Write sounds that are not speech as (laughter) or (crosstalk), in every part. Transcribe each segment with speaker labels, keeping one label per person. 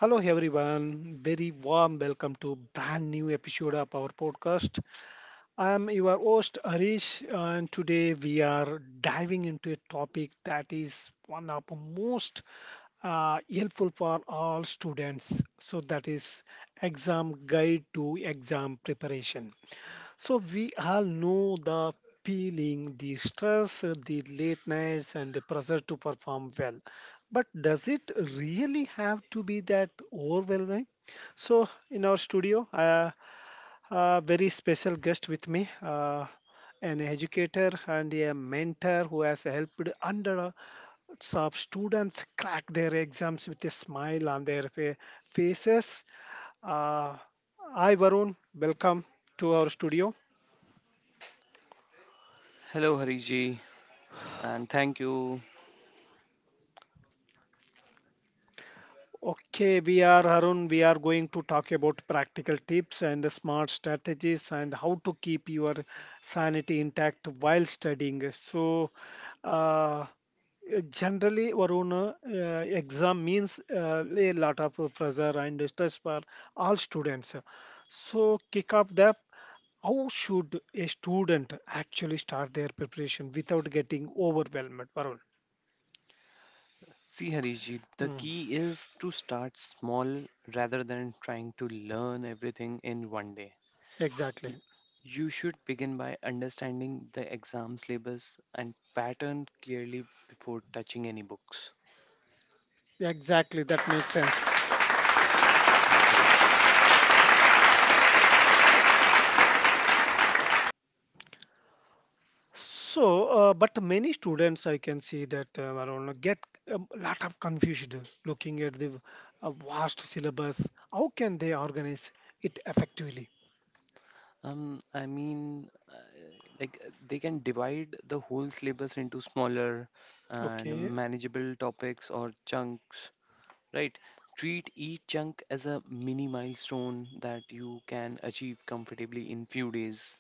Speaker 1: Hello everyone, very warm welcome to brand new episode of our podcast. I'm your host Arish, and today we are diving into a topic that is one of the most helpful for all students. So that is exam guide to exam preparation. So we all know the feeling, the stress, the late nights, and the pressure to perform well. But does it really have to be that overwhelming? So in our studio, a very special guest with me, an educator and a mentor who has helped hundreds of students crack their exams with a smile on their faces. Uh, Hi, Varun. Welcome to our studio.
Speaker 2: Hello, Hariji, and thank you.
Speaker 1: Okay, we are Harun. We are going to talk about practical tips and smart strategies and how to keep your sanity intact while studying. So, uh, generally, Varuna, exam means a lot of pressure and stress for all students. So, kick off the how should a student actually start their preparation without getting overwhelmed, Varun?
Speaker 2: See, Hariji, the
Speaker 1: Mm,
Speaker 2: key is to start small rather than trying to learn everything in one day. Y-
Speaker 1: exactly,
Speaker 2: You should begin by understanding the exam syllabus and pattern clearly before touching any books.
Speaker 1: exactly. That makes sense.
Speaker 2: Yes, Hariji.
Speaker 1: So, but many students I can see that, Varun, get a lot of confused looking at the vast syllabus. How can they organize it effectively?
Speaker 2: I mean, like they can divide the whole syllabus into smaller and
Speaker 1: Okay,
Speaker 2: manageable topics or chunks, right? Treat each chunk as a mini milestone that you can achieve comfortably in few days.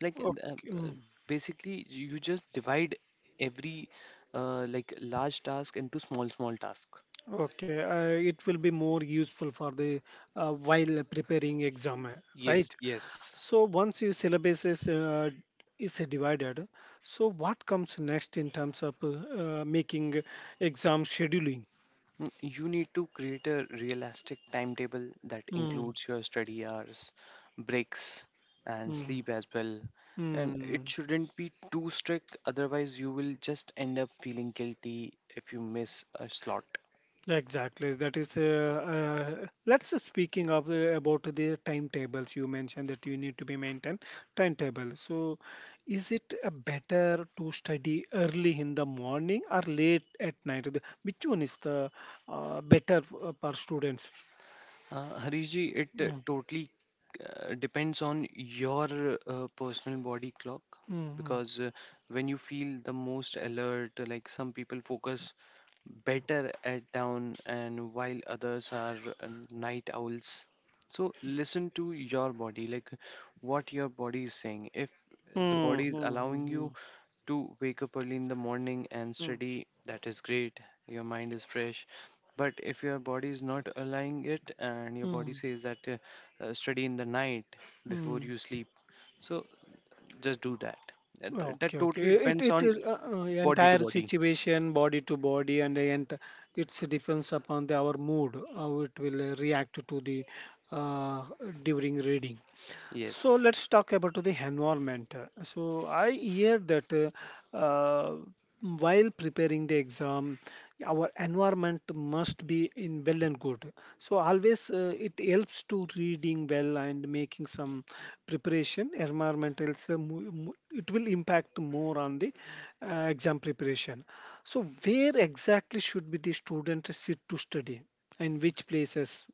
Speaker 2: Like
Speaker 1: okay, mm,
Speaker 2: basically, you just divide every like large task into small small tasks.
Speaker 1: okay. It will be more useful for the, while preparing exam, right?
Speaker 2: Yes, yes.
Speaker 1: So once your syllabus is divided, so what comes next in terms of making exam scheduling?
Speaker 2: You need to create a realistic timetable that
Speaker 1: Mm,
Speaker 2: includes your study hours, breaks, and
Speaker 1: mm,
Speaker 2: sleep as well. And it
Speaker 1: mm.
Speaker 2: shouldn't be too strict, otherwise, you will just end up feeling guilty if you miss a slot.
Speaker 1: Exactly. That is, let's just speaking of, about the timetables. You mentioned that you need to be maintain timetable. So, is it better to study early in the morning or late at night? Which one is the better, for students?
Speaker 2: Harish ji, it
Speaker 1: Mm,
Speaker 2: totally depends on your personal body clock
Speaker 1: mm,
Speaker 2: because when you feel the most alert, like some people focus better at down, and while others are night owls. So listen to your body, like what your body is saying. If the
Speaker 1: mm,
Speaker 2: body is
Speaker 1: mm,
Speaker 2: allowing you
Speaker 1: mm,
Speaker 2: to wake up early in the morning and
Speaker 1: mm,
Speaker 2: study, that is great. Your mind is fresh. But if your body is not allowing it and your
Speaker 1: mm,
Speaker 2: body
Speaker 1: mm,
Speaker 2: says that study in the night before
Speaker 1: mm.
Speaker 2: you sleep, so just do that. That,
Speaker 1: Okay,
Speaker 2: that
Speaker 1: okay.
Speaker 2: totally
Speaker 1: It
Speaker 2: depends
Speaker 1: it
Speaker 2: on
Speaker 1: is
Speaker 2: body to
Speaker 1: entire
Speaker 2: body.
Speaker 1: situation, body to body, and it's depends upon the, our mood how it will react to the, uh, during reading. So
Speaker 2: Yes.
Speaker 1: let's talk about to the environment. So I hear that, uh, uh, while preparing the exam, our environment must be in well and good. So always it helps to reading well and making some preparation. Environment is it will impact more on the exam preparation. So where exactly should be the student sit to study? In which places?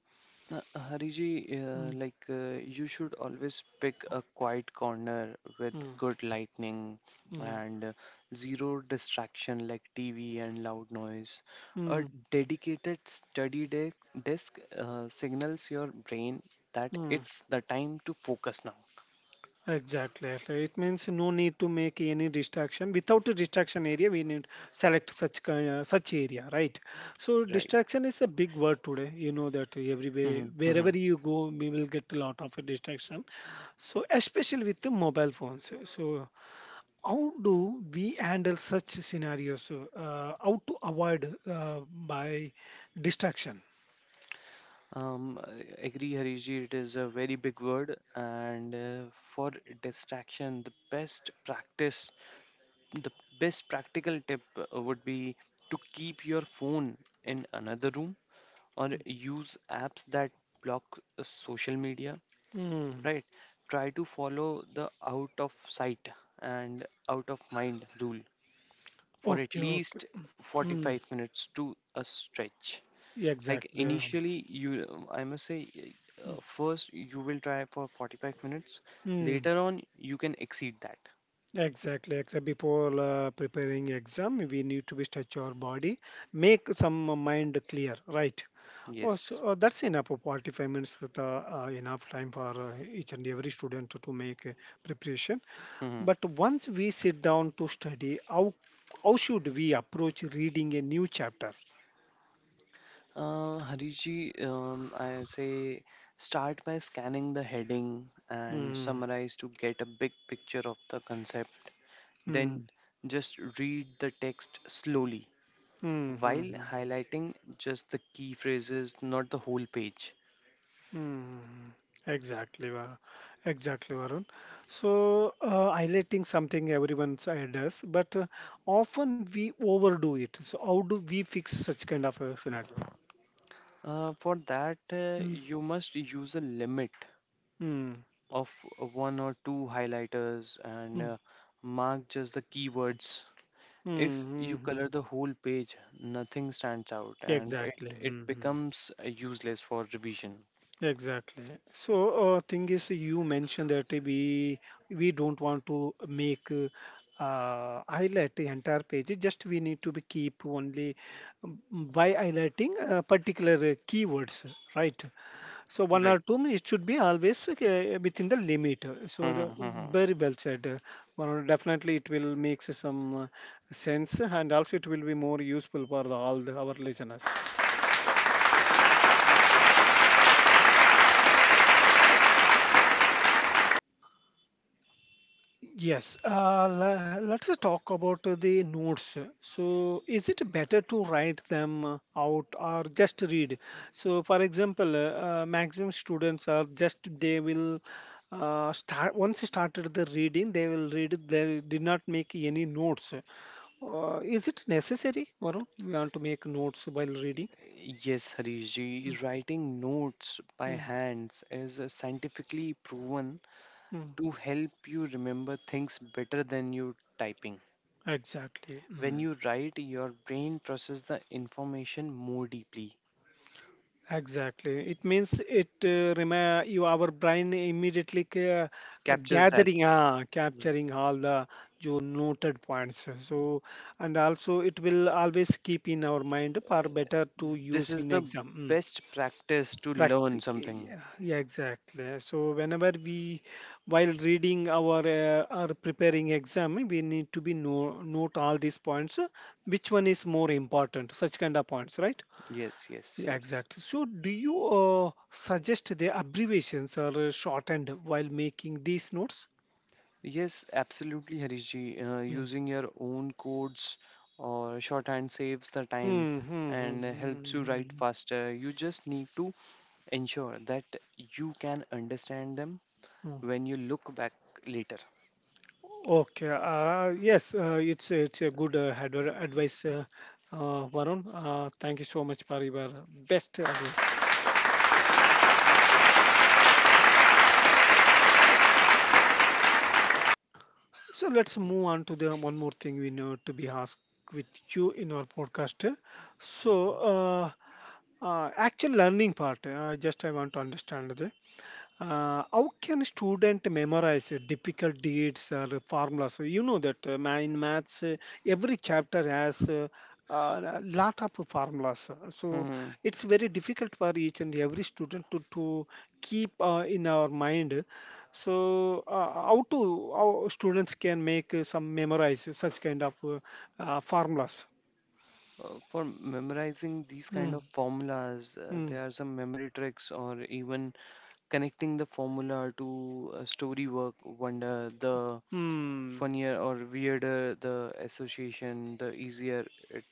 Speaker 2: Hariji,
Speaker 1: Mm,
Speaker 2: like you should always pick a quiet corner with
Speaker 1: mm,
Speaker 2: good lighting
Speaker 1: mm,
Speaker 2: and zero distraction like TV and loud noise. A
Speaker 1: mm,
Speaker 2: dedicated study desk signals your brain that
Speaker 1: mm.
Speaker 2: it's the time to focus now,
Speaker 1: Exactly. So it means no need to make any distraction. Without a distraction area, we need select such kind, such area, right? So
Speaker 2: right?
Speaker 1: distraction is a big word today. You know that everywhere,
Speaker 2: Mhm,
Speaker 1: wherever
Speaker 2: mhm.
Speaker 1: you go, we will get a lot of distraction. So especially with the mobile phones. So how do we handle such scenarios? How to avoid by distraction?
Speaker 2: I agree, Hariji. It is a very big word, and for distraction, the best practical tip would be to keep your phone in another room or use apps that block social media,
Speaker 1: Mm.
Speaker 2: right? Try to follow the out of sight and out of mind rule for at
Speaker 1: Okay. Okay.
Speaker 2: least
Speaker 1: Mm.
Speaker 2: 45 minutes to a stretch. Like
Speaker 1: Exactly.
Speaker 2: initially, I must say, first you will try for 45 minutes.
Speaker 1: Hmm.
Speaker 2: Later on, you can exceed that.
Speaker 1: Exactly, exactly. Before preparing exam, we need to be stretch our body, make some mind clear, right? Oh, so
Speaker 2: Yes.
Speaker 1: that's enough. 45 minutes is the, enough time for each and every student to make preparation.
Speaker 2: Hmm.
Speaker 1: But once we sit down to study, how should we approach reading a new chapter?
Speaker 2: Hariji, I say start by scanning the heading and
Speaker 1: Mm,
Speaker 2: summarize to get a big picture of the concept.
Speaker 1: mm,
Speaker 2: Then
Speaker 1: mm,
Speaker 2: just read the text slowly
Speaker 1: mm,
Speaker 2: while
Speaker 1: mm.
Speaker 2: highlighting just the key phrases, not the whole page.
Speaker 1: Mm, exactly, Varun. Exactly, Varun. So, highlighting something everyone does, but often we overdo it. So, how do we fix such kind of a scenario?
Speaker 2: For that,
Speaker 1: Mm,
Speaker 2: you must use a limit
Speaker 1: mm,
Speaker 2: of one or two highlighters and
Speaker 1: mm,
Speaker 2: mark just the keywords.
Speaker 1: mm,
Speaker 2: If you
Speaker 1: mm,
Speaker 2: color
Speaker 1: mm.
Speaker 2: the whole page, nothing stands out, and it,
Speaker 1: Exactly.
Speaker 2: it
Speaker 1: Mm,
Speaker 2: becomes useless for revision.
Speaker 1: exactly. So, thing is, you mentioned that we don't want to make, highlight the entire page. It just we need to be keep only, um, by highlighting particular keywords, right? So one or
Speaker 2: Right.
Speaker 1: two, it should be always within the limit. So the
Speaker 2: Mhm, mhm.
Speaker 1: very well said. Well, definitely, it will make some, sense, and also it will be more useful for the, all the, our listeners. Yes, let's talk about the notes. So, is it better to write them out or just read? So, for example, maximum students are just they will start once started the reading, they will read. They did not make any notes. Is it necessary, Varun? We want to make notes while reading.
Speaker 2: Yes,
Speaker 1: Mm,
Speaker 2: Harishji, writing notes by
Speaker 1: mm,
Speaker 2: hands is scientifically proven
Speaker 1: mm.
Speaker 2: to help you remember things better than you typing.
Speaker 1: Exactly.
Speaker 2: When
Speaker 1: Mm.
Speaker 2: you write, your brain processes the information more deeply,
Speaker 1: Exactly. It means it, you our brain immediately,
Speaker 2: captures that.
Speaker 1: gathering,
Speaker 2: Yeah.
Speaker 1: capturing all the you noted points. So and also it will always keep in our mind far better to
Speaker 2: This
Speaker 1: use
Speaker 2: is
Speaker 1: in
Speaker 2: the
Speaker 1: exam. Mm.
Speaker 2: best practice to learn something.
Speaker 1: Yeah, yeah, exactly. So whenever we while reading our, or preparing exam, we need to be note all these points. Which one is more important? Such kind of points, right?
Speaker 2: Yes, yes,
Speaker 1: Yeah,
Speaker 2: yes.
Speaker 1: exactly. So, do you suggest the abbreviations are shortened while making these notes?
Speaker 2: Yes, absolutely, Harish ji.
Speaker 1: Mm.
Speaker 2: Using your own codes or shorthand saves the time
Speaker 1: Mm, hmm, hmm,
Speaker 2: and
Speaker 1: hmm,
Speaker 2: helps you write
Speaker 1: hmm,
Speaker 2: faster. You just need to ensure that you can understand them when you look back later.
Speaker 1: hmm. Okay. Yes, it's a good, advice, Varun. Thank you so much for your best advice. So let's move on to the one more thing we know to be asked with you in our podcast. So, actual learning part. I just I want to understand that. How can student memorize difficult deeds or formulas? So you know that, in maths, every chapter has a, lot of formulas. So
Speaker 2: Hmm.
Speaker 1: it's very difficult for each and every student to keep in our mind. So, how to how students can make, some memorize such kind of, formulas?
Speaker 2: For memorizing these
Speaker 1: Hmm.
Speaker 2: kind of formulas,
Speaker 1: Hmm.
Speaker 2: there are some memory tricks or even connecting the formula to a story work wonder the
Speaker 1: Hmm.
Speaker 2: funnier or weirder the association, the easier it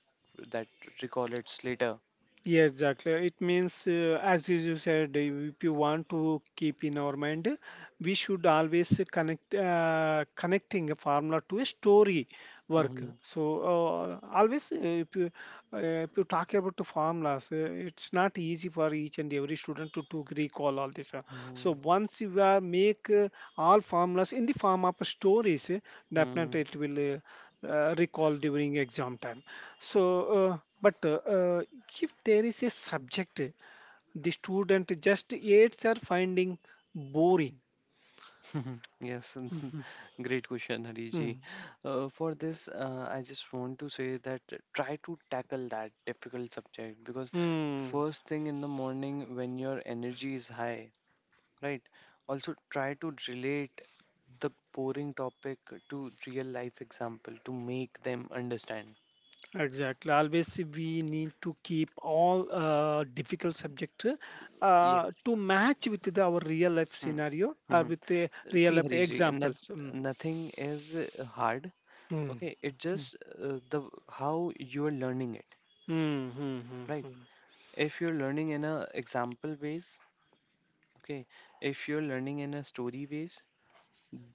Speaker 2: that recall it's later.
Speaker 1: Yes, exactly. It means, as you said, if you want to keep in our mind, we should always connecting a formula to a story work.
Speaker 2: Hmm,
Speaker 1: So, always, if you talk about the formulas, it's not easy for each and every student to recall all this. So
Speaker 2: hmm,
Speaker 1: once you make all formulas in the form of stories, definitely
Speaker 2: hmm.
Speaker 1: it will, recall during exam time. So, but, if there is a subject the student just aids are finding boring.
Speaker 2: (laughs) Yes, (laughs) great question, Hariji.
Speaker 1: Mm,
Speaker 2: For this, I just want to say that try to tackle that difficult subject because
Speaker 1: mm,
Speaker 2: first thing in the morning when your energy is high, right? Also try to relate the boring topic to real life example to make them understand.
Speaker 1: exactly. Always we need to keep all, difficult subject,
Speaker 2: Yes.
Speaker 1: to match with the, our real life
Speaker 2: Mm,
Speaker 1: scenario or
Speaker 2: mhm.
Speaker 1: with the real
Speaker 2: See,
Speaker 1: life
Speaker 2: Hariji,
Speaker 1: examples. Mm,
Speaker 2: nothing is hard.
Speaker 1: mm,
Speaker 2: Okay, it
Speaker 1: mm,
Speaker 2: just the how you're learning it,
Speaker 1: mm, mm, mm,
Speaker 2: right?
Speaker 1: mm.
Speaker 2: If you're learning in a example ways, okay, if you're learning in a story ways,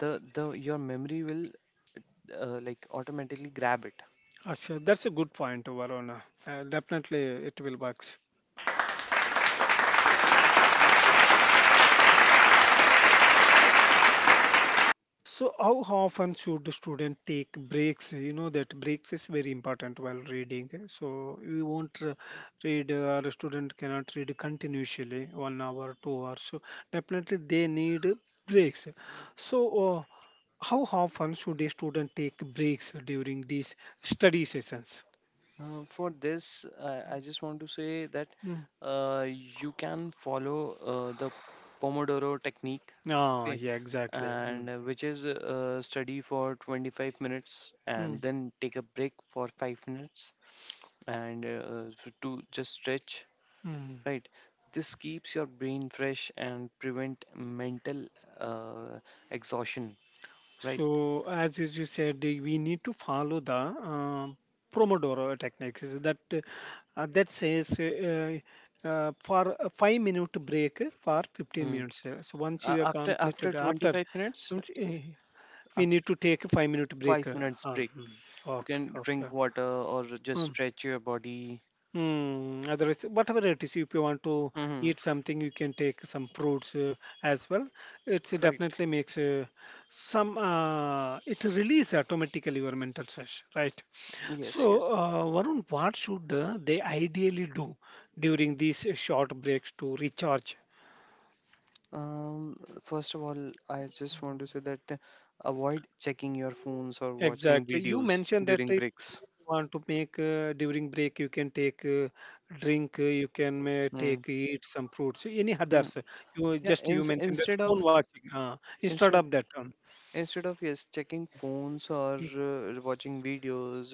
Speaker 2: the your memory will like automatically grab it.
Speaker 1: Actually, that's a good point, Varuna. Definitely, it will work. So how often should the student take breaks? You know that breaks is very important while reading. So we won't read or a student cannot read continuously 1 hour, 2 hours. So definitely they need breaks. So, how often should a student take breaks during these study sessions?
Speaker 2: For this, I just want to say that
Speaker 1: Mm.
Speaker 2: you can follow the Pomodoro technique,
Speaker 1: Ah,
Speaker 2: okay,
Speaker 1: yeah, exactly. Mm.
Speaker 2: and which is study for 25 minutes
Speaker 1: Mm.
Speaker 2: and then take a break for 5 minutes and to just stretch,
Speaker 1: Mm.
Speaker 2: right? This keeps your brain fresh and prevent mental uh, exhaustion, right?
Speaker 1: So, as you said, we need to follow the, uh, Pomodoro technique, that says, for a 5-minute break for 15
Speaker 2: Mm.
Speaker 1: minutes. So once
Speaker 2: A-
Speaker 1: you are
Speaker 2: After after
Speaker 1: completed after,
Speaker 2: 25 minutes,
Speaker 1: don't, we
Speaker 2: after
Speaker 1: need to take a 5-minute break.
Speaker 2: five minutes break.
Speaker 1: Mhm.
Speaker 2: You
Speaker 1: Okay,
Speaker 2: can
Speaker 1: okay.
Speaker 2: drink water or just
Speaker 1: Hmm.
Speaker 2: stretch your body.
Speaker 1: Mm, otherwise, whatever it is, if you want to
Speaker 2: Hmm.
Speaker 1: eat something, you can take some fruits, as well. It
Speaker 2: Right.
Speaker 1: definitely makes, some, it release automatically your mental stress, right?
Speaker 2: Yes,
Speaker 1: So,
Speaker 2: yes.
Speaker 1: Varun, what should they ideally do during these short breaks to recharge?
Speaker 2: Um, First of all, I just want to say that avoid checking your phones or watching
Speaker 1: Exactly. You
Speaker 2: videos
Speaker 1: mentioned that
Speaker 2: during
Speaker 1: if
Speaker 2: breaks.
Speaker 1: you want to make, during break, you can take, drink, you can may
Speaker 2: Mm.
Speaker 1: take eat some fruits, any
Speaker 2: Mm.
Speaker 1: others. You
Speaker 2: Yeah,
Speaker 1: just you mentioned that phone watching, instead
Speaker 2: instead
Speaker 1: of that one.
Speaker 2: instead of yes, checking phones or
Speaker 1: Mm,
Speaker 2: watching videos,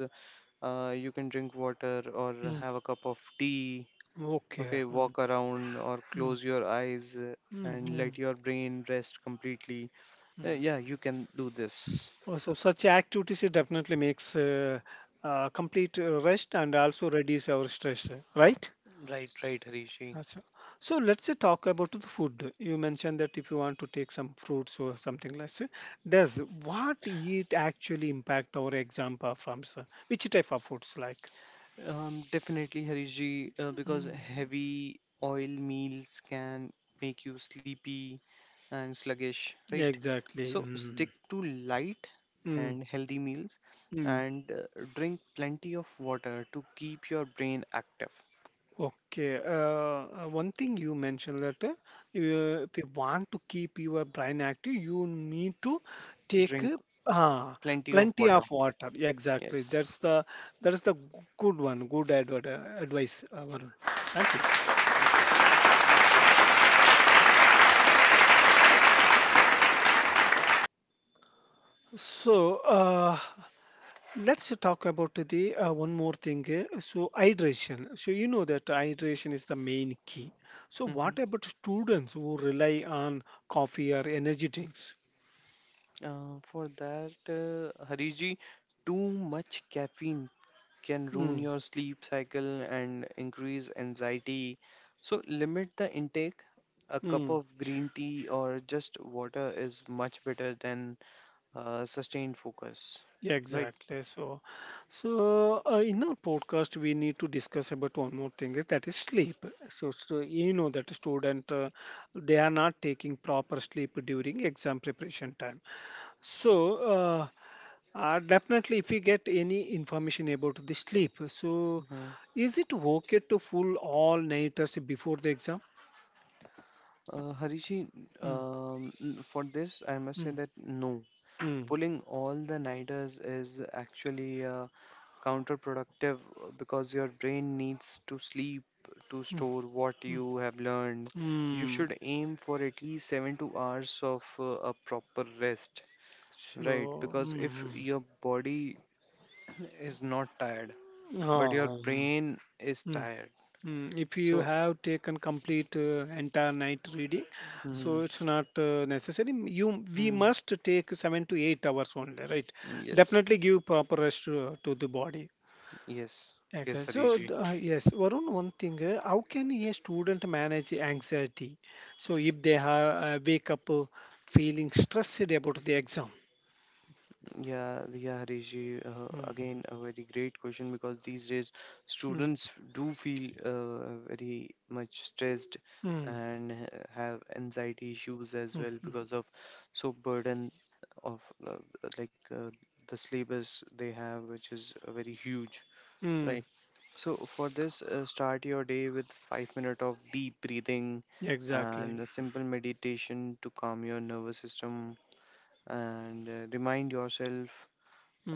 Speaker 2: you can drink water or
Speaker 1: mm.
Speaker 2: have a cup of tea.
Speaker 1: Okay.
Speaker 2: Okay,
Speaker 1: Mm,
Speaker 2: walk around or
Speaker 1: mm,
Speaker 2: close your eyes
Speaker 1: mm,
Speaker 2: and
Speaker 1: mm,
Speaker 2: let your brain rest completely.
Speaker 1: mm.
Speaker 2: Yeah, you can do this.
Speaker 1: Oh, so such activities it definitely makes, complete, rest and also reduce our stress, right?
Speaker 2: Right, right, Harishi.
Speaker 1: Achcha. So let's say talk about the food. You mentioned that if you want to take some fruits or something like that, does what it actually impact our exam performance? Which type of foods like?
Speaker 2: Definitely, Harishji, because
Speaker 1: Mm.
Speaker 2: heavy oil meals can make you sleepy and sluggish, right?
Speaker 1: Exactly.
Speaker 2: So stick
Speaker 1: Mm.
Speaker 2: to light
Speaker 1: Mm.
Speaker 2: and healthy meals,
Speaker 1: Mm.
Speaker 2: and drink plenty of water to keep your brain active.
Speaker 1: Okay, one thing you mentioned that, if you want to keep your brain active, you need to take,
Speaker 2: Drink
Speaker 1: ah,
Speaker 2: plenty of
Speaker 1: plenty of
Speaker 2: water.
Speaker 1: water. Exactly,
Speaker 2: Yes.
Speaker 1: that's the g- good one, good, advice, Varun. Thank you.
Speaker 2: Yeah.
Speaker 1: So, uh, let's talk about the, one more thing. So hydration. So you know that hydration is the main key. So
Speaker 2: Mhm.
Speaker 1: what about students who rely on coffee or energy drinks?
Speaker 2: For that, Hariji, too much caffeine can
Speaker 1: Mm,
Speaker 2: ruin your sleep cycle and increase anxiety. So, limit the intake. A cup
Speaker 1: mm.
Speaker 2: of green tea or just water is much better than sustained focus.
Speaker 1: Yeah,
Speaker 2: Right.
Speaker 1: exactly. So, in our podcast, we need to discuss about one more thing is that is sleep. So, you know that student, they are not taking proper sleep during exam preparation time. So, definitely, if you get any information about the sleep, so
Speaker 2: Hmm.
Speaker 1: is it okay to fool all nighters before the exam?
Speaker 2: Harishi,
Speaker 1: Mm,
Speaker 2: for this, I must say
Speaker 1: mm,
Speaker 2: that no.
Speaker 1: mm,
Speaker 2: Pulling all the nighters is actually counterproductive because your brain needs to sleep to
Speaker 1: mm,
Speaker 2: store what
Speaker 1: mm,
Speaker 2: you have learned. You
Speaker 1: mm.
Speaker 2: should aim for at least 7 to hours of a proper rest, right?
Speaker 1: So.
Speaker 2: Because if
Speaker 1: Mm. Mm.
Speaker 2: your body (clears throat) is not tired, but your
Speaker 1: Oh, hmm,
Speaker 2: brain is
Speaker 1: hmm.
Speaker 2: tired.
Speaker 1: If you
Speaker 2: So,
Speaker 1: have taken complete entire night reading,
Speaker 2: mm-hmm.
Speaker 1: so it's not necessary. You we
Speaker 2: Hmm.
Speaker 1: must take 7 to 8 hours only, right?
Speaker 2: Mm, yes,
Speaker 1: Definitely give proper rest to the body.
Speaker 2: yes, yes,
Speaker 1: Exactly.
Speaker 2: Harish.
Speaker 1: So, yes, Varun, one thing, how can a student manage anxiety? So, if they are wake up feeling stressed about the exam.
Speaker 2: Yeah, yeah, Harish ji,
Speaker 1: Mm,
Speaker 2: again a very great question because these days
Speaker 1: mm,
Speaker 2: students do feel very much stressed
Speaker 1: mm,
Speaker 2: and have anxiety issues as
Speaker 1: mm,
Speaker 2: well
Speaker 1: mm,
Speaker 2: because of so burden of uh, like the syllabus they have, which is very huge,
Speaker 1: mm,
Speaker 2: right? So for this, start your day with 5 minutes of deep breathing
Speaker 1: exactly.
Speaker 2: and a simple meditation to calm your nervous system, and remind yourself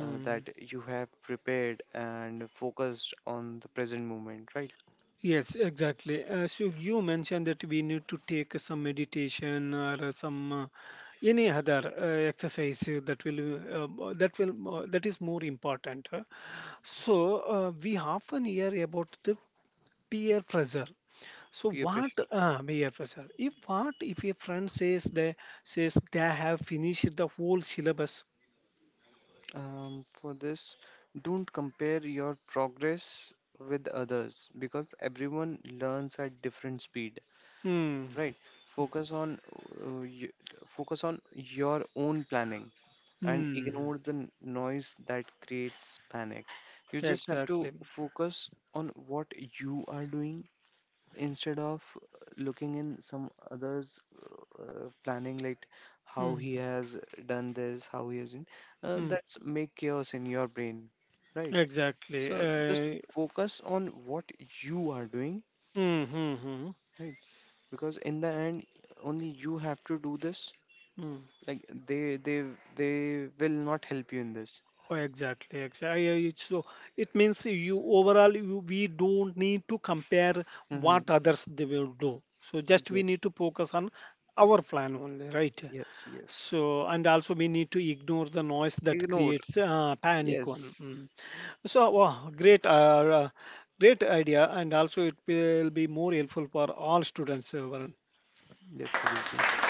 Speaker 2: that you have prepared and focused on the present moment, right?
Speaker 1: Yes, exactly. So you mentioned that we need to take some meditation or some any other exercise that will that will that is more important, huh? So we often hear about the peer pressure. So
Speaker 2: Peer
Speaker 1: what
Speaker 2: pressure.
Speaker 1: peer pressure? If what if a friend says they have finished the whole syllabus?
Speaker 2: For this, don't compare your progress with others because everyone learns at different speed,
Speaker 1: Hmm.
Speaker 2: right? Focus on focus on your own planning and
Speaker 1: Hmm.
Speaker 2: ignore the noise that creates panic. You just have to
Speaker 1: Exactly.
Speaker 2: focus on what you are doing instead of looking in some others planning, like how
Speaker 1: Hmm.
Speaker 2: he has done this, how he has in
Speaker 1: Hmm.
Speaker 2: that's make chaos in your brain, right?
Speaker 1: Exactly.
Speaker 2: So just focus on what you are doing,
Speaker 1: Mm, hmm. Hmm.
Speaker 2: right? Because in the end only you have to do this,
Speaker 1: Hmm.
Speaker 2: like they will not help you in this.
Speaker 1: Oh, exactly, exactly. It's so it means you overall you, we don't need to compare
Speaker 2: Mm-hmm.
Speaker 1: what others they will do. So just we
Speaker 2: Yes,
Speaker 1: need to focus on our plan only, right?
Speaker 2: yes, yes.
Speaker 1: So and also we need to ignore the noise that
Speaker 2: Ignore.
Speaker 1: creates panic
Speaker 2: Yes,
Speaker 1: one. Mm. So wow, great, uh, great idea, and also it will be more helpful for all students. Uh,
Speaker 2: yes, Rishi.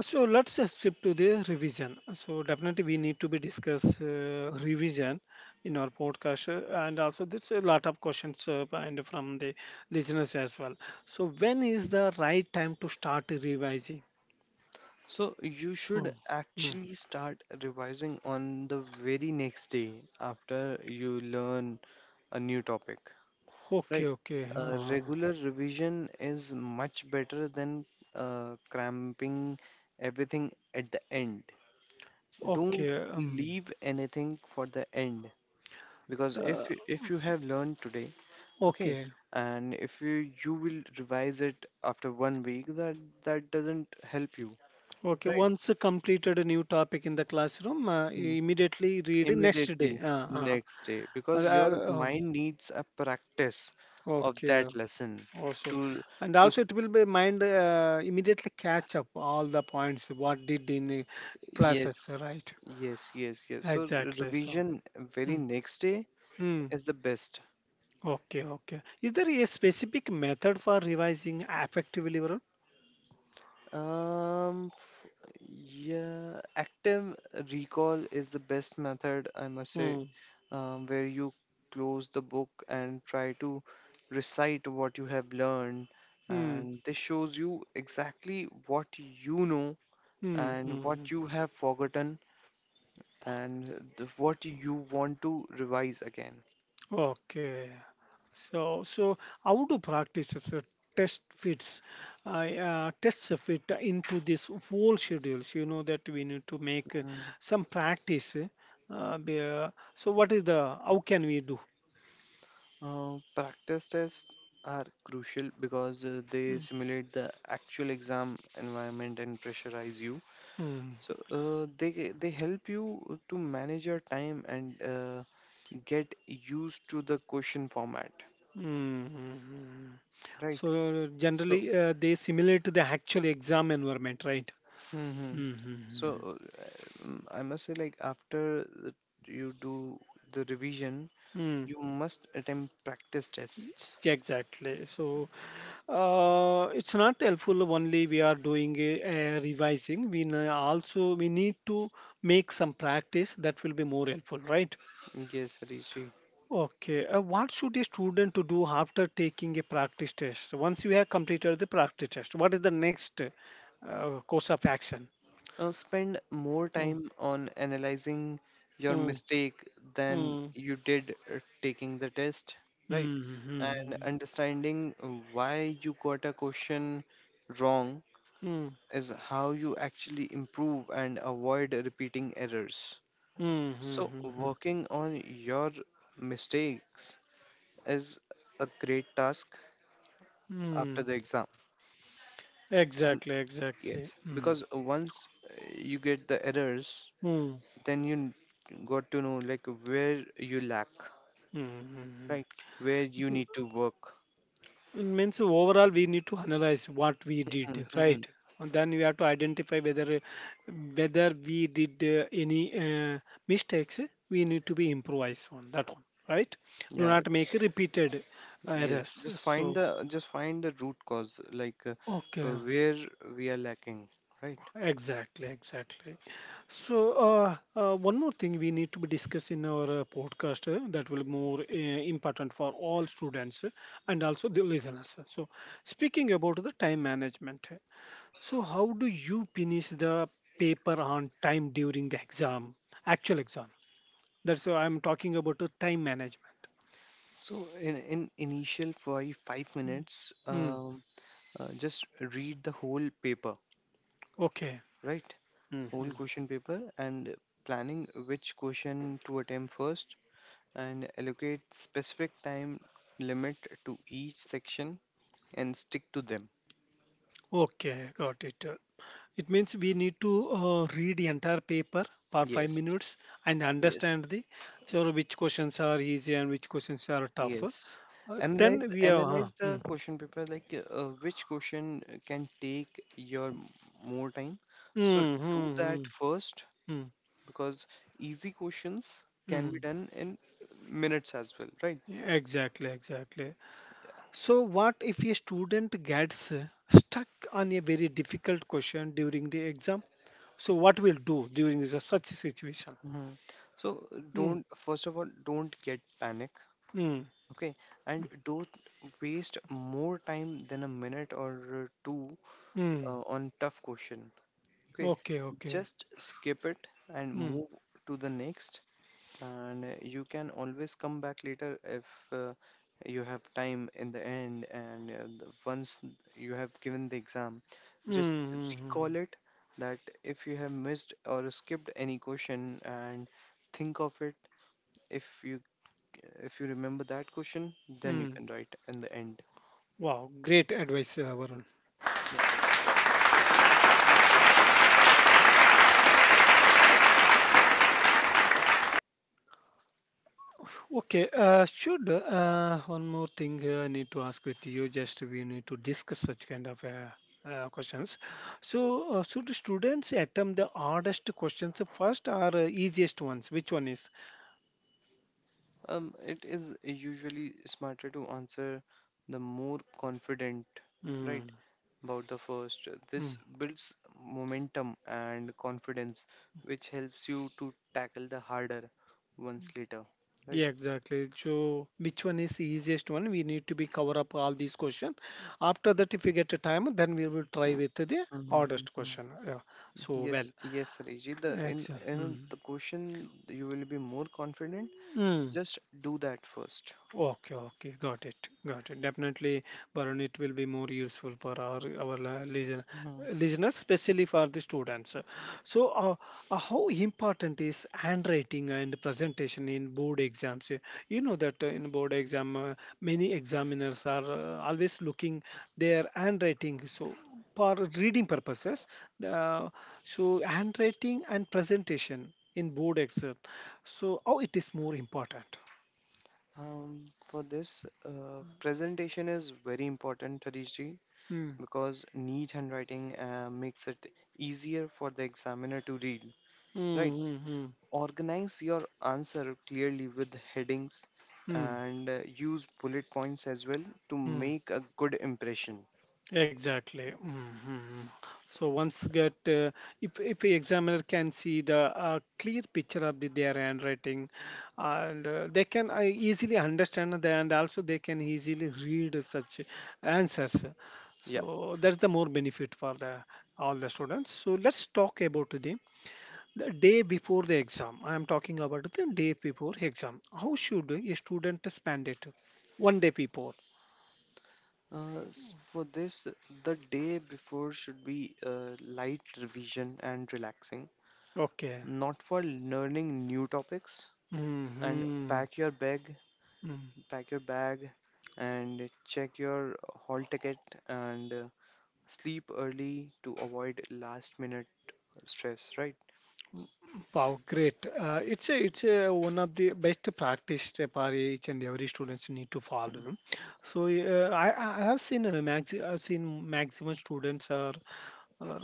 Speaker 1: so let's just shift to the revision. So definitely we need to be discuss revision in our podcast, and also there's a lot of questions and from the listeners as well. So when is the right time to start revising?
Speaker 2: So you should
Speaker 1: Mm, mm.
Speaker 2: actually start revising on the very next day after you learn a new topic.
Speaker 1: Okay, okay,
Speaker 2: A regular revision is much better than cramping everything at the end. Don't
Speaker 1: okay,
Speaker 2: leave anything for the end because
Speaker 1: uh,
Speaker 2: if you have learned today, okay,
Speaker 1: okay,
Speaker 2: and if you will revise it after one week, that doesn't help you.
Speaker 1: okay. Once completed a new topic in the classroom, immediately read next day.
Speaker 2: Immediately
Speaker 1: Uh,
Speaker 2: next day because your
Speaker 1: uh, um,
Speaker 2: mind needs a practice of
Speaker 1: okay,
Speaker 2: that lesson
Speaker 1: also
Speaker 2: to
Speaker 1: and
Speaker 2: to
Speaker 1: also
Speaker 2: s-
Speaker 1: it will be mind immediately catch up all the points what did in the
Speaker 2: yes,
Speaker 1: classes, right?
Speaker 2: yes, yes, yes. So
Speaker 1: Exactly so.
Speaker 2: revision very
Speaker 1: Mm.
Speaker 2: next day
Speaker 1: Mm.
Speaker 2: is the best.
Speaker 1: Okay, okay, is there a specific method for revising effectively, Varun?
Speaker 2: um f- yeah, active recall is the best method, I must say.
Speaker 1: Mm.
Speaker 2: Where you close the book and try to recite what you have learned,
Speaker 1: Mm.
Speaker 2: and this shows you exactly what you know
Speaker 1: Mm. Mm.
Speaker 2: and
Speaker 1: Mm.
Speaker 2: what you have forgotten, and what you want to revise again.
Speaker 1: Okay. So, how to practice is a test fits, test fit into this whole schedules. You know that we need to make
Speaker 2: Mm.
Speaker 1: some practice. So, what is the how can we do?
Speaker 2: Practice tests are crucial because they
Speaker 1: Mm.
Speaker 2: simulate the actual exam environment and pressurize you.
Speaker 1: Mm,
Speaker 2: So they help you to manage your time and get used to the question format,
Speaker 1: mm, mm, mm.
Speaker 2: right?
Speaker 1: So
Speaker 2: So,
Speaker 1: generally, they simulate the actual exam environment, right?
Speaker 2: hmm, so
Speaker 1: Mm-hmm.
Speaker 2: I must say, like after the- you do the revision,
Speaker 1: Mm,
Speaker 2: you must attempt practice tests.
Speaker 1: exactly. So it's not helpful only we are doing a revising, we n- also we need to make some practice that will be more helpful, right?
Speaker 2: Yes, Rishi.
Speaker 1: Okay, what should a student to do after taking a practice test? Once you have completed the practice test, what is the next course of action?
Speaker 2: Spend more
Speaker 1: Mm,
Speaker 2: time on analyzing your
Speaker 1: mm,
Speaker 2: mistake than
Speaker 1: mm,
Speaker 2: you did taking the test, right?
Speaker 1: mm, mm,
Speaker 2: And understanding why you got a question wrong
Speaker 1: mm, mm,
Speaker 2: is how you actually improve and avoid repeating errors.
Speaker 1: mm,
Speaker 2: So,
Speaker 1: mm, mm,
Speaker 2: working on your mistakes is a great task after
Speaker 1: mm.
Speaker 2: the exam.
Speaker 1: Exactly,
Speaker 2: Yes,
Speaker 1: exactly. Mm.
Speaker 2: because once you get the errors,
Speaker 1: Mm.
Speaker 2: then got to know, like where you lack,
Speaker 1: Mm-hmm.
Speaker 2: right? Where you need to work.
Speaker 1: It means overall we need to analyze what we did,
Speaker 2: Mm-hmm.
Speaker 1: right? And then we have to identify whether whether we did any mistakes, we need to be improvise on that one, right? Do
Speaker 2: Yeah,
Speaker 1: not make repeated
Speaker 2: yes.
Speaker 1: errors,
Speaker 2: Just
Speaker 1: so
Speaker 2: find the just find the root cause, like
Speaker 1: okay,
Speaker 2: where we are lacking, right?
Speaker 1: exactly, exactly. So one more thing we need to be discussed in our podcast that will more important for all students, and also the listeners. So speaking about the time management, so how do you finish the paper on time during the exam, actual exam? That's why I'm talking about the time management.
Speaker 2: So in initial five
Speaker 1: Mm.
Speaker 2: minutes,
Speaker 1: Mm,
Speaker 2: just read the whole paper,
Speaker 1: okay.
Speaker 2: right?
Speaker 1: Hmm.
Speaker 2: Whole question paper, and planning which question to attempt first, and allocate specific time limit to each section, and stick to them.
Speaker 1: Okay, got it. It means we need to read the entire paper for five
Speaker 2: Yes.
Speaker 1: minutes and
Speaker 2: Yes.
Speaker 1: understand the so which questions are easy and which questions are tough.
Speaker 2: Yes. Analyze
Speaker 1: Then we are.
Speaker 2: analyze the
Speaker 1: Mm,
Speaker 2: question paper, like which question can take your more time.
Speaker 1: mm,
Speaker 2: So do
Speaker 1: mm,
Speaker 2: that
Speaker 1: mm,
Speaker 2: first
Speaker 1: mm,
Speaker 2: because easy questions can be
Speaker 1: mm.
Speaker 2: done in minutes as well, right?
Speaker 1: Yeah, exactly, exactly. So, what if a student gets stuck on a very difficult question during the exam? So, what will do during this, such a situation?
Speaker 2: Mhm. So,
Speaker 1: Mm,
Speaker 2: don't first of all, don't get panic.
Speaker 1: mm,
Speaker 2: Okay, and don't waste more time than a minute or two
Speaker 1: mm.
Speaker 2: on tough question. Okay,
Speaker 1: Okay, okay.
Speaker 2: just skip it and
Speaker 1: Mm,
Speaker 2: move to the next, and you can always come back later if uh, you have time in the end. And once you have given the exam,
Speaker 1: mm,
Speaker 2: just
Speaker 1: mm,
Speaker 2: recall
Speaker 1: mm,
Speaker 2: it that if you have missed or skipped any question and think of it if you if you remember that question, then you
Speaker 1: mm.
Speaker 2: can write in the end.
Speaker 1: Wow, great advice, Varun. Okay, should one more thing I need to ask with you? Just we need to discuss such kind of questions. So, should students attempt the hardest questions first or easiest ones? Which one is?
Speaker 2: It is usually smarter to answer the more confident, right?
Speaker 1: Mm,
Speaker 2: About the first.
Speaker 1: mm.
Speaker 2: This builds momentum and confidence, which helps you to tackle the harder ones later, right?
Speaker 1: Yeah, exactly. So, which one is the easiest one? We need to be cover up all these question. After that, if we get a time, then we will try with the hardest
Speaker 2: Mm-hmm.
Speaker 1: question. Yeah. So well,
Speaker 2: Yes, yes, Rajit. The in
Speaker 1: excellent.
Speaker 2: in
Speaker 1: Mm.
Speaker 2: the question you will be more confident.
Speaker 1: Mm.
Speaker 2: Just do that first.
Speaker 1: Okay, okay, got it, got it. Definitely, Varun, it will be more useful for our listen, listeners, especially for the students. So, how important is handwriting and presentation in board exams? You know that in board exam, many examiners are always looking their handwriting. So, for reading purposes, uh, so handwriting and presentation in board exam. So, how it is more important?
Speaker 2: For this, presentation is very important, Harish ji,
Speaker 1: Hmm.
Speaker 2: because neat handwriting makes it easier for the examiner to read, right?
Speaker 1: Mm-hmm.
Speaker 2: Organize your answer clearly with headings
Speaker 1: Mm-hmm.
Speaker 2: and use bullet points as well to make a good impression.
Speaker 1: Exactly. Mm-hmm. So once get if the examiner can see the clear picture of their handwriting, and they can easily understand that, and also they can easily read such answers.
Speaker 2: Yeah.
Speaker 1: So that's the more benefit for the all the students. So let's talk about the day before the exam. I am talking about the day before exam. How should a student spend it? One day before.
Speaker 2: For this, the day before should be light revision and relaxing,
Speaker 1: Okay.
Speaker 2: not for learning new topics. And
Speaker 1: Mm-hmm. Mm.
Speaker 2: pack your bag and check your hall ticket and sleep early to avoid last minute stress, right?
Speaker 1: Wow, great. It's a, one of the best practice step are each and every students need to follow. So I have seen a max, I've seen maximum students are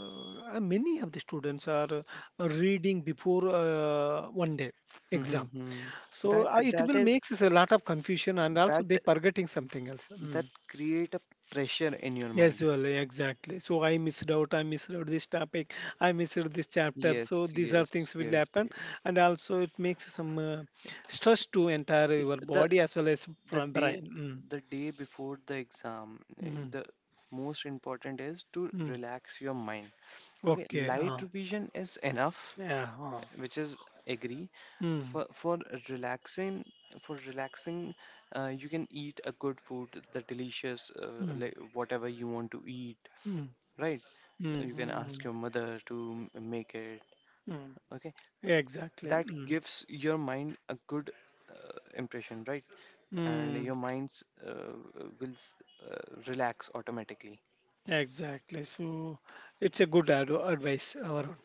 Speaker 1: many of the students are reading before one day exam.
Speaker 2: Mm-hmm.
Speaker 1: So
Speaker 2: That
Speaker 1: it
Speaker 2: that
Speaker 1: will
Speaker 2: is
Speaker 1: makes us a lot of confusion and also
Speaker 2: that
Speaker 1: they forgetting something else.
Speaker 2: That
Speaker 1: Mm.
Speaker 2: create a pressure in your
Speaker 1: Yes,
Speaker 2: mind.
Speaker 1: well, exactly. So I missed out. I missed out this topic. I missed out this chapter. So
Speaker 2: Yes,
Speaker 1: these are
Speaker 2: yes,
Speaker 1: things will
Speaker 2: yes,
Speaker 1: happen,
Speaker 2: yes.
Speaker 1: and also it makes some stress to entire
Speaker 2: It's
Speaker 1: your body as well as
Speaker 2: the day
Speaker 1: brain.
Speaker 2: the day before the exam.
Speaker 1: Mm.
Speaker 2: The most important is to
Speaker 1: Mm. Mm.
Speaker 2: relax your mind. Okay,
Speaker 1: Okay.
Speaker 2: light revision is enough,
Speaker 1: Yeah.
Speaker 2: which is agree
Speaker 1: Mm.
Speaker 2: for relaxing. for relaxing you can eat a good food, the delicious,
Speaker 1: Mm.
Speaker 2: like whatever you want to eat,
Speaker 1: Mm.
Speaker 2: right?
Speaker 1: Mm.
Speaker 2: You can ask
Speaker 1: Mm.
Speaker 2: your mother to make it,
Speaker 1: Mm.
Speaker 2: okay?
Speaker 1: Exactly.
Speaker 2: That
Speaker 1: Mm.
Speaker 2: gives your mind a good impression, right? And
Speaker 1: Mm.
Speaker 2: your minds will uh, relax automatically.
Speaker 1: Exactly. So it's a good advice. Our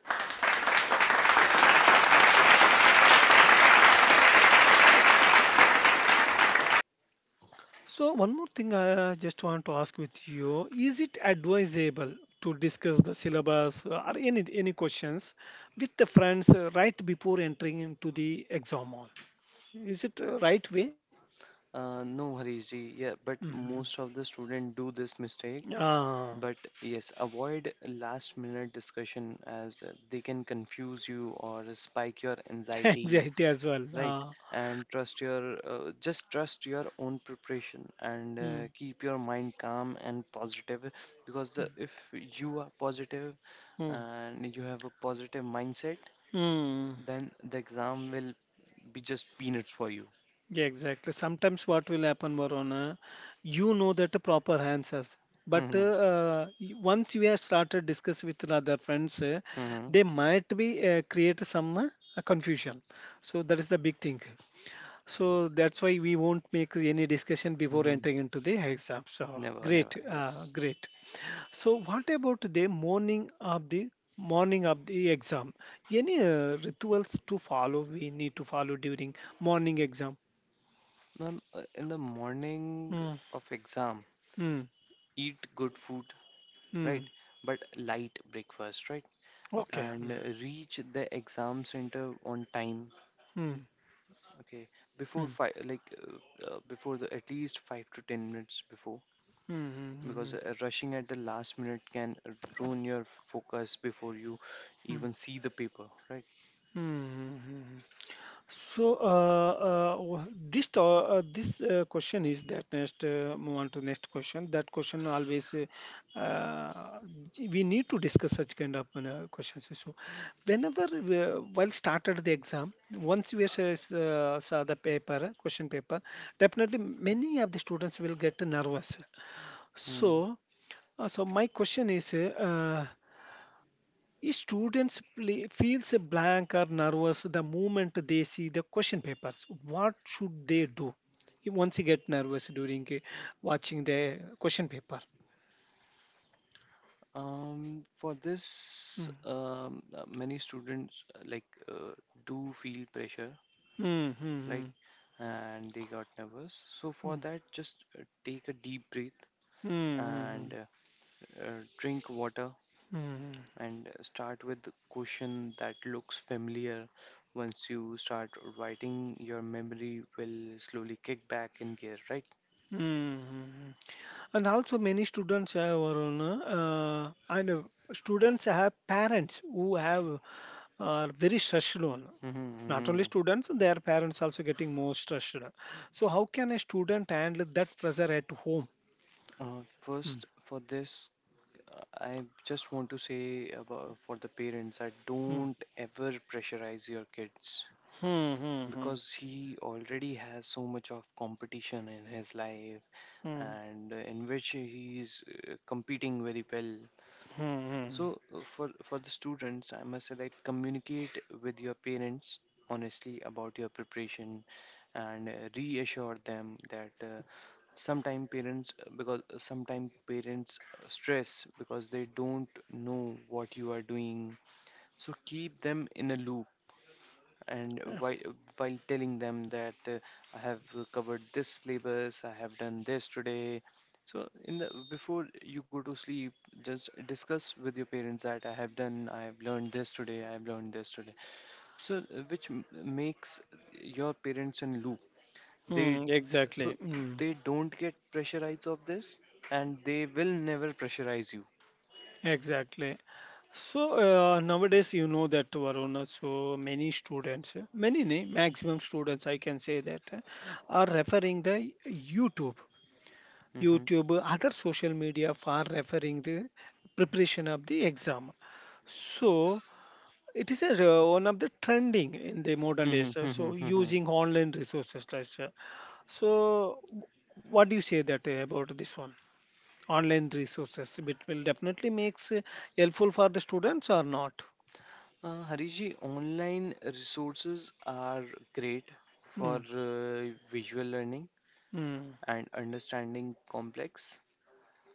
Speaker 1: so, one more thing I just want to ask with you, is it advisable to discuss the syllabus or any questions with the friends right before entering into the exam hall? Is it right way?
Speaker 2: No, Harish ji, yeah, but
Speaker 1: Mm-hmm.
Speaker 2: most of the student do this mistake.
Speaker 1: Ah,
Speaker 2: But yes, avoid last minute discussion as they can confuse you or spike your
Speaker 1: (laughs)
Speaker 2: anxiety,
Speaker 1: anxiety as well.
Speaker 2: right?
Speaker 1: Ah.
Speaker 2: And trust your just trust your own preparation and
Speaker 1: Mm,
Speaker 2: keep your mind calm and positive, because if you are positive
Speaker 1: mm,
Speaker 2: and you have a positive mindset,
Speaker 1: mm.
Speaker 2: then the exam will be just peanuts for you.
Speaker 1: Yeah, exactly. Sometimes what will happen, Varuna, you know that the proper answers, but
Speaker 2: Hmm.
Speaker 1: once you have started discuss with the other friends,
Speaker 2: Hmm.
Speaker 1: they might be create some confusion. So that is the big thing.
Speaker 2: Yes.
Speaker 1: So that's why we won't make any discussion before
Speaker 2: Hmm.
Speaker 1: entering into the exam. So
Speaker 2: Never, never.
Speaker 1: great,
Speaker 2: Yes.
Speaker 1: great. So what about the morning of the exam? Any rituals to follow? We need to follow during morning exam.
Speaker 2: Ma'am, in the morning
Speaker 1: Hmm.
Speaker 2: of exam,
Speaker 1: Mm,
Speaker 2: eat good food,
Speaker 1: mm.
Speaker 2: right? But light breakfast, right?
Speaker 1: Okay.
Speaker 2: And
Speaker 1: Mm,
Speaker 2: reach the exam center on time,
Speaker 1: mm,
Speaker 2: okay? Before
Speaker 1: mm,
Speaker 2: five, like before the at least 5 to 10 minutes before,
Speaker 1: mm, mm,
Speaker 2: because
Speaker 1: mm,
Speaker 2: rushing at the last minute can ruin your focus before you
Speaker 1: mm, mm,
Speaker 2: even see the paper, right?
Speaker 1: mm, mm. So, this this question is that next move on to next question. That question always uh, we need to discuss such kind of questions. So, whenever we, while started the exam, once we saw the paper question paper, definitely many of the students will get nervous.
Speaker 2: Hmm.
Speaker 1: So, uh, so my question is students play, feels blank or nervous the moment they see the question papers? What should they do once you get nervous during watching the question paper?
Speaker 2: For this,
Speaker 1: Mm.
Speaker 2: many students uh, do feel pressure,
Speaker 1: Mm, mm,
Speaker 2: right?
Speaker 1: mm,
Speaker 2: And they got nervous. So for
Speaker 1: mm,
Speaker 2: that, just take a deep breath
Speaker 1: mm,
Speaker 2: and
Speaker 1: mm,
Speaker 2: drink water
Speaker 1: mm, mm,
Speaker 2: and start with the question that looks familiar. Once you start writing, your memory will slowly kick back in gear, right?
Speaker 1: mm, mm. And also many students have Varun, and students have parents who have are very stressed on. Not
Speaker 2: Mm-hmm.
Speaker 1: only students, their parents also getting more stressed. So how can a student handle that pressure at home? Hmm.
Speaker 2: First, for this, I just want to say about for the parents that
Speaker 1: Hmm.
Speaker 2: don't ever pressurize your kids,
Speaker 1: Hmm. Hmm.
Speaker 2: because he already has so much of competition in his life
Speaker 1: Hmm. Hmm.
Speaker 2: and in which he is competing very well.
Speaker 1: Hmm. Hmm. Hmm,
Speaker 2: So for the students, I must say, like, communicate with your parents honestly about your preparation and reassure them that sometimes parents stress because they don't know what you are doing. So keep them in a loop, and while telling them that, I have covered this syllabus, I have done this today. So in the before you go to sleep, just discuss with your parents that I have done, I have learned this today, I have learned this today. So which makes your parents in loop. They,
Speaker 1: hmm,
Speaker 2: so
Speaker 1: exactly. Hmm.
Speaker 2: they don't get pressurized of this, and they will never pressurize you.
Speaker 1: Exactly. So nowadays, you know that Varuna, so many students, many nay, maximum students, I can say that, are referring the YouTube, YouTube, other social media for referring the preparation of the exam. So it is a, one of the trending in the modern days. Uh, so
Speaker 2: Mm-hmm.
Speaker 1: using
Speaker 2: (laughs)
Speaker 1: online resources, like, so w- what do you say that about this one? Online resources, it will definitely makes helpful for the students or not?
Speaker 2: Hariji, online resources are great for
Speaker 1: Hmm.
Speaker 2: visual learning
Speaker 1: Mm,
Speaker 2: and understanding complex.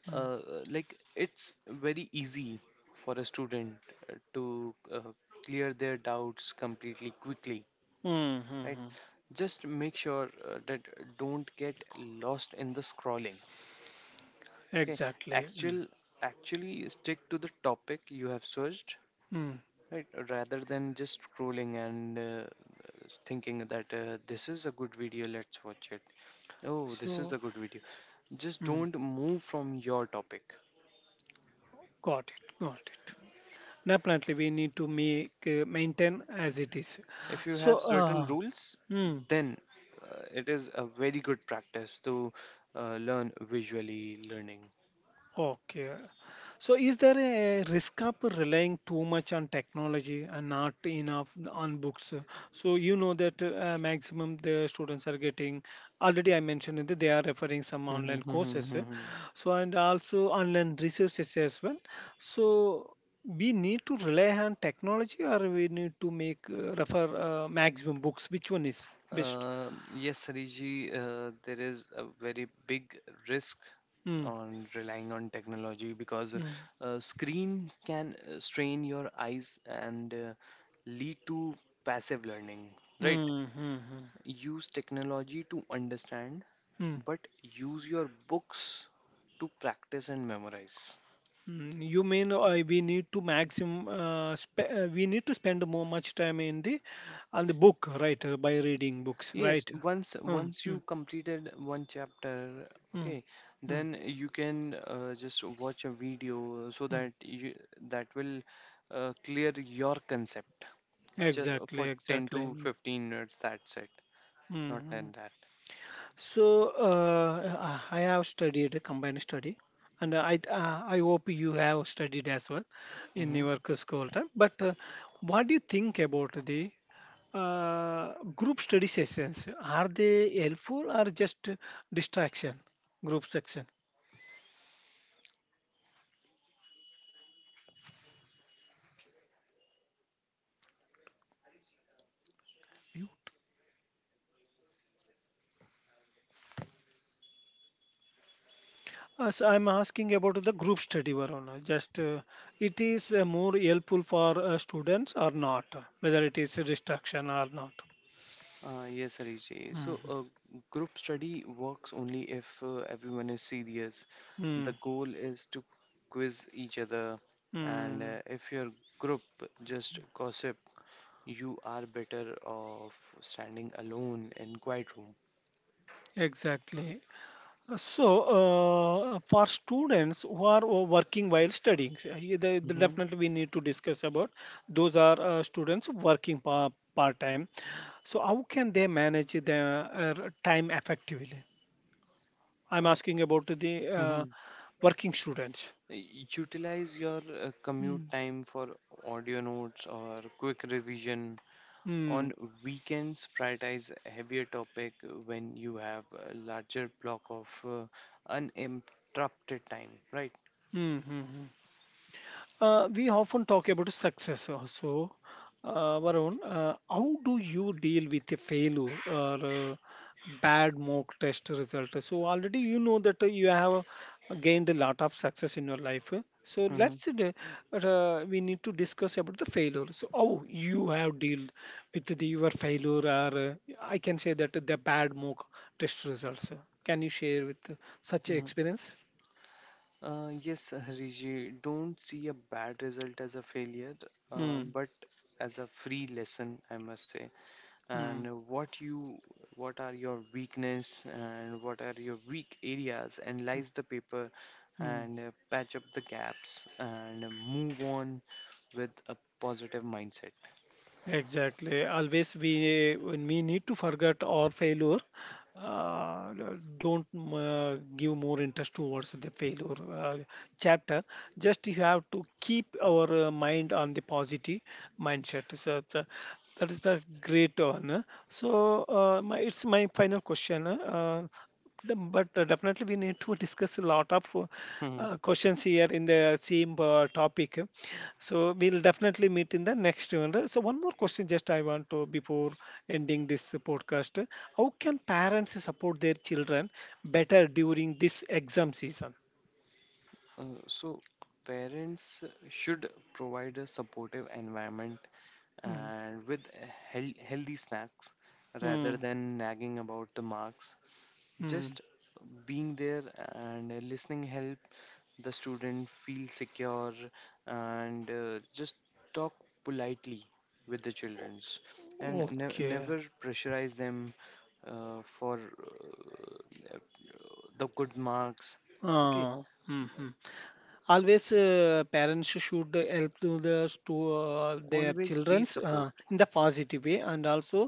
Speaker 1: mm,
Speaker 2: Uh, like, it's very easy for a student to clear their doubts completely quickly,
Speaker 1: mm, mm,
Speaker 2: right?
Speaker 1: mm.
Speaker 2: Just make sure that don't get lost in the scrolling. Okay,
Speaker 1: Exactly. Mm,
Speaker 2: actual actually stick to the topic you have searched,
Speaker 1: mm.
Speaker 2: right, rather than just scrolling and thinking that, this is a good video, let's watch it. Oh, this is
Speaker 1: So,
Speaker 2: a good video. Just
Speaker 1: mm,
Speaker 2: don't move from your topic.
Speaker 1: got it, got it. Definitely, we need to make maintain as it is.
Speaker 2: If you
Speaker 1: So,
Speaker 2: have certain rules,
Speaker 1: mm,
Speaker 2: then it is a very good practice to learn visually learning.
Speaker 1: okay. So is there a risk of relying too much on technology and not enough on books? So you know that maximum the students are getting already I mentioned that they are referring some online courses. Uh,
Speaker 2: (laughs)
Speaker 1: so and also online resources as well. So we need to rely on technology or we need to make refer maximum books. Which one is best?
Speaker 2: Yes, Sariji, there is a very big risk
Speaker 1: Mm.
Speaker 2: on relying on technology, because
Speaker 1: Mm.
Speaker 2: screen can strain your eyes and lead to passive learning, right?
Speaker 1: Mm. Mm.
Speaker 2: Use technology to understand,
Speaker 1: Mm.
Speaker 2: but use your books to practice and memorize.
Speaker 1: Mm, you mean we need to maximum we need to spend more much time in the on the book, right? Uh, by reading books,
Speaker 2: Yes,
Speaker 1: right? Mm,
Speaker 2: once you
Speaker 1: mm,
Speaker 2: completed one chapter,
Speaker 1: mm,
Speaker 2: okay,
Speaker 1: mm,
Speaker 2: then you can just watch a video, so
Speaker 1: mm.
Speaker 2: that you, that will clear your concept, just
Speaker 1: Exactly,
Speaker 2: for 10
Speaker 1: exactly.
Speaker 2: to
Speaker 1: Mm,
Speaker 2: 15 minutes. That's it, not
Speaker 1: mm.
Speaker 2: than that.
Speaker 1: I have studied a combined study, and I hope you have studied as well in
Speaker 2: Mm-hmm.
Speaker 1: your school time. But what do you think about the group study sessions, are they helpful or just distraction? Group section. So I'm asking about the group study, Varuna. Just it is more helpful for students or not, whether it is a distraction or not.
Speaker 2: Yes, Harish ji. So,
Speaker 1: Mhm.
Speaker 2: group study works only if everyone is serious.
Speaker 1: Mm,
Speaker 2: The goal is to quiz each other, and
Speaker 1: mm,
Speaker 2: if your group just gossip, you are better off standing alone in quiet room.
Speaker 1: exactly. So for students who are working while studying, yeah, the
Speaker 2: Hmm.
Speaker 1: definitely we need to discuss about those are students working part-time. So how can they manage their time effectively? I'm asking about the
Speaker 2: Hmm.
Speaker 1: working students.
Speaker 2: Utilize your commute
Speaker 1: Mm.
Speaker 2: time for audio notes or quick revision. On
Speaker 1: Mm.
Speaker 2: weekends, prioritize heavier topic when you have a larger block of uninterrupted time, right?
Speaker 1: Mm-hmm. We often talk about success also. Varun, how do you deal with a failure or bad mock test result? So already you know that you have gained a lot of success in your life. So
Speaker 2: Hmm.
Speaker 1: let's we need to discuss about the failure. So how you have dealt with your failure, or I can say, that the bad mock test results. Can you share with such
Speaker 2: Hmm.
Speaker 1: experience?
Speaker 2: Yes, Hariji, don't see a bad result as a failure,
Speaker 1: Hmm.
Speaker 2: but as a free lesson, I must say.
Speaker 1: Hmm.
Speaker 2: And what you What are your weakness and what are your weak areas? Analyze the paper
Speaker 1: Hmm.
Speaker 2: and patch up the gaps and move on with a positive mindset.
Speaker 1: Exactly. Always we when we need to forget our failure. Uh, don't give more interest towards the failure chapter. Just you have to keep our mind on the positive mindset. That is the great one. So, it's my final question. But definitely we need to discuss a lot of
Speaker 2: Mhm.
Speaker 1: questions here in the same topic. So we'll definitely meet in the next one. So one more question, just I want to before ending this podcast. How can parents support their children better during this exam season?
Speaker 2: So parents should provide a supportive environment
Speaker 1: Mm.
Speaker 2: and with healthy snacks rather
Speaker 1: Mm.
Speaker 2: than nagging about the marks.
Speaker 1: Mm.
Speaker 2: Just being there and listening help the student feels secure, and just talk politely with the childrens, and
Speaker 1: Okay.
Speaker 2: never pressurize them for uh, the good marks, okay?
Speaker 1: Ah. Mhm. Always parents should help to their
Speaker 2: Always be
Speaker 1: childrens
Speaker 2: support.
Speaker 1: in the positive way, and also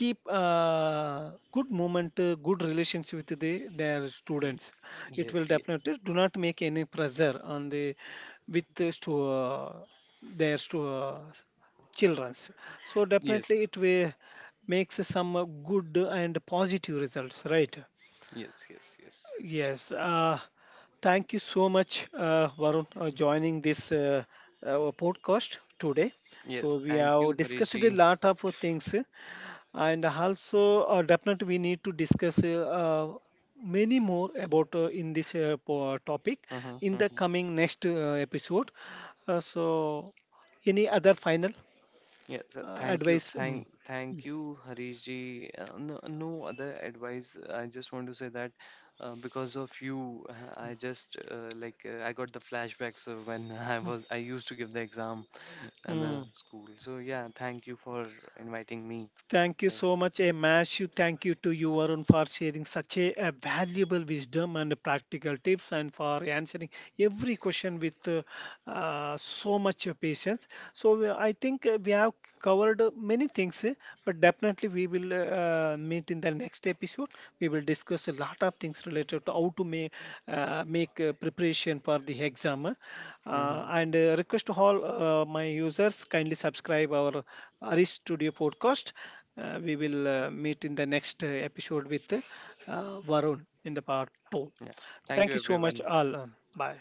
Speaker 1: keep good moment, good relations with their students. It will
Speaker 2: Yes, yes,
Speaker 1: definitely do not make any pressure on the with the stu- their stu- childrens, so definitely
Speaker 2: yes,
Speaker 1: it will makes some good and positive results, right?
Speaker 2: yes, yes, yes,
Speaker 1: Yes, thank you so much, Varun, joining this our podcast today. So
Speaker 2: yes.
Speaker 1: we
Speaker 2: Thank
Speaker 1: have
Speaker 2: you,
Speaker 1: discussed a
Speaker 2: Harishji.
Speaker 1: lot of things, and also definitely we need to discuss many more about in this topic in the coming next episode. So, any other final
Speaker 2: Yeah, so thank you,
Speaker 1: advice? Mm,
Speaker 2: thank you, Harish ji. No, no other advice. I just want to say that because of you, I just I got the flashbacks of when (laughs) I used to give the exam and the
Speaker 1: mm.
Speaker 2: school. So yeah, thank you for inviting me.
Speaker 1: Thank you
Speaker 2: Yeah,
Speaker 1: so much, a massive thank you to you, Varun, for sharing such a valuable wisdom and practical tips, and for answering every question with so much patience. I think we have covered many things, eh, but definitely we will meet in the next episode. We will discussed a lot of things related to how to make preparation for the exam. Uh,
Speaker 2: hmm,
Speaker 1: and uh, request to all my users, kindly subscribe our Aris Studio podcast. We will meet in the next episode with Varun in the Part 2.
Speaker 2: yeah. Thank
Speaker 1: Thank
Speaker 2: you,
Speaker 1: you so much,
Speaker 2: everyone.
Speaker 1: all. Bye.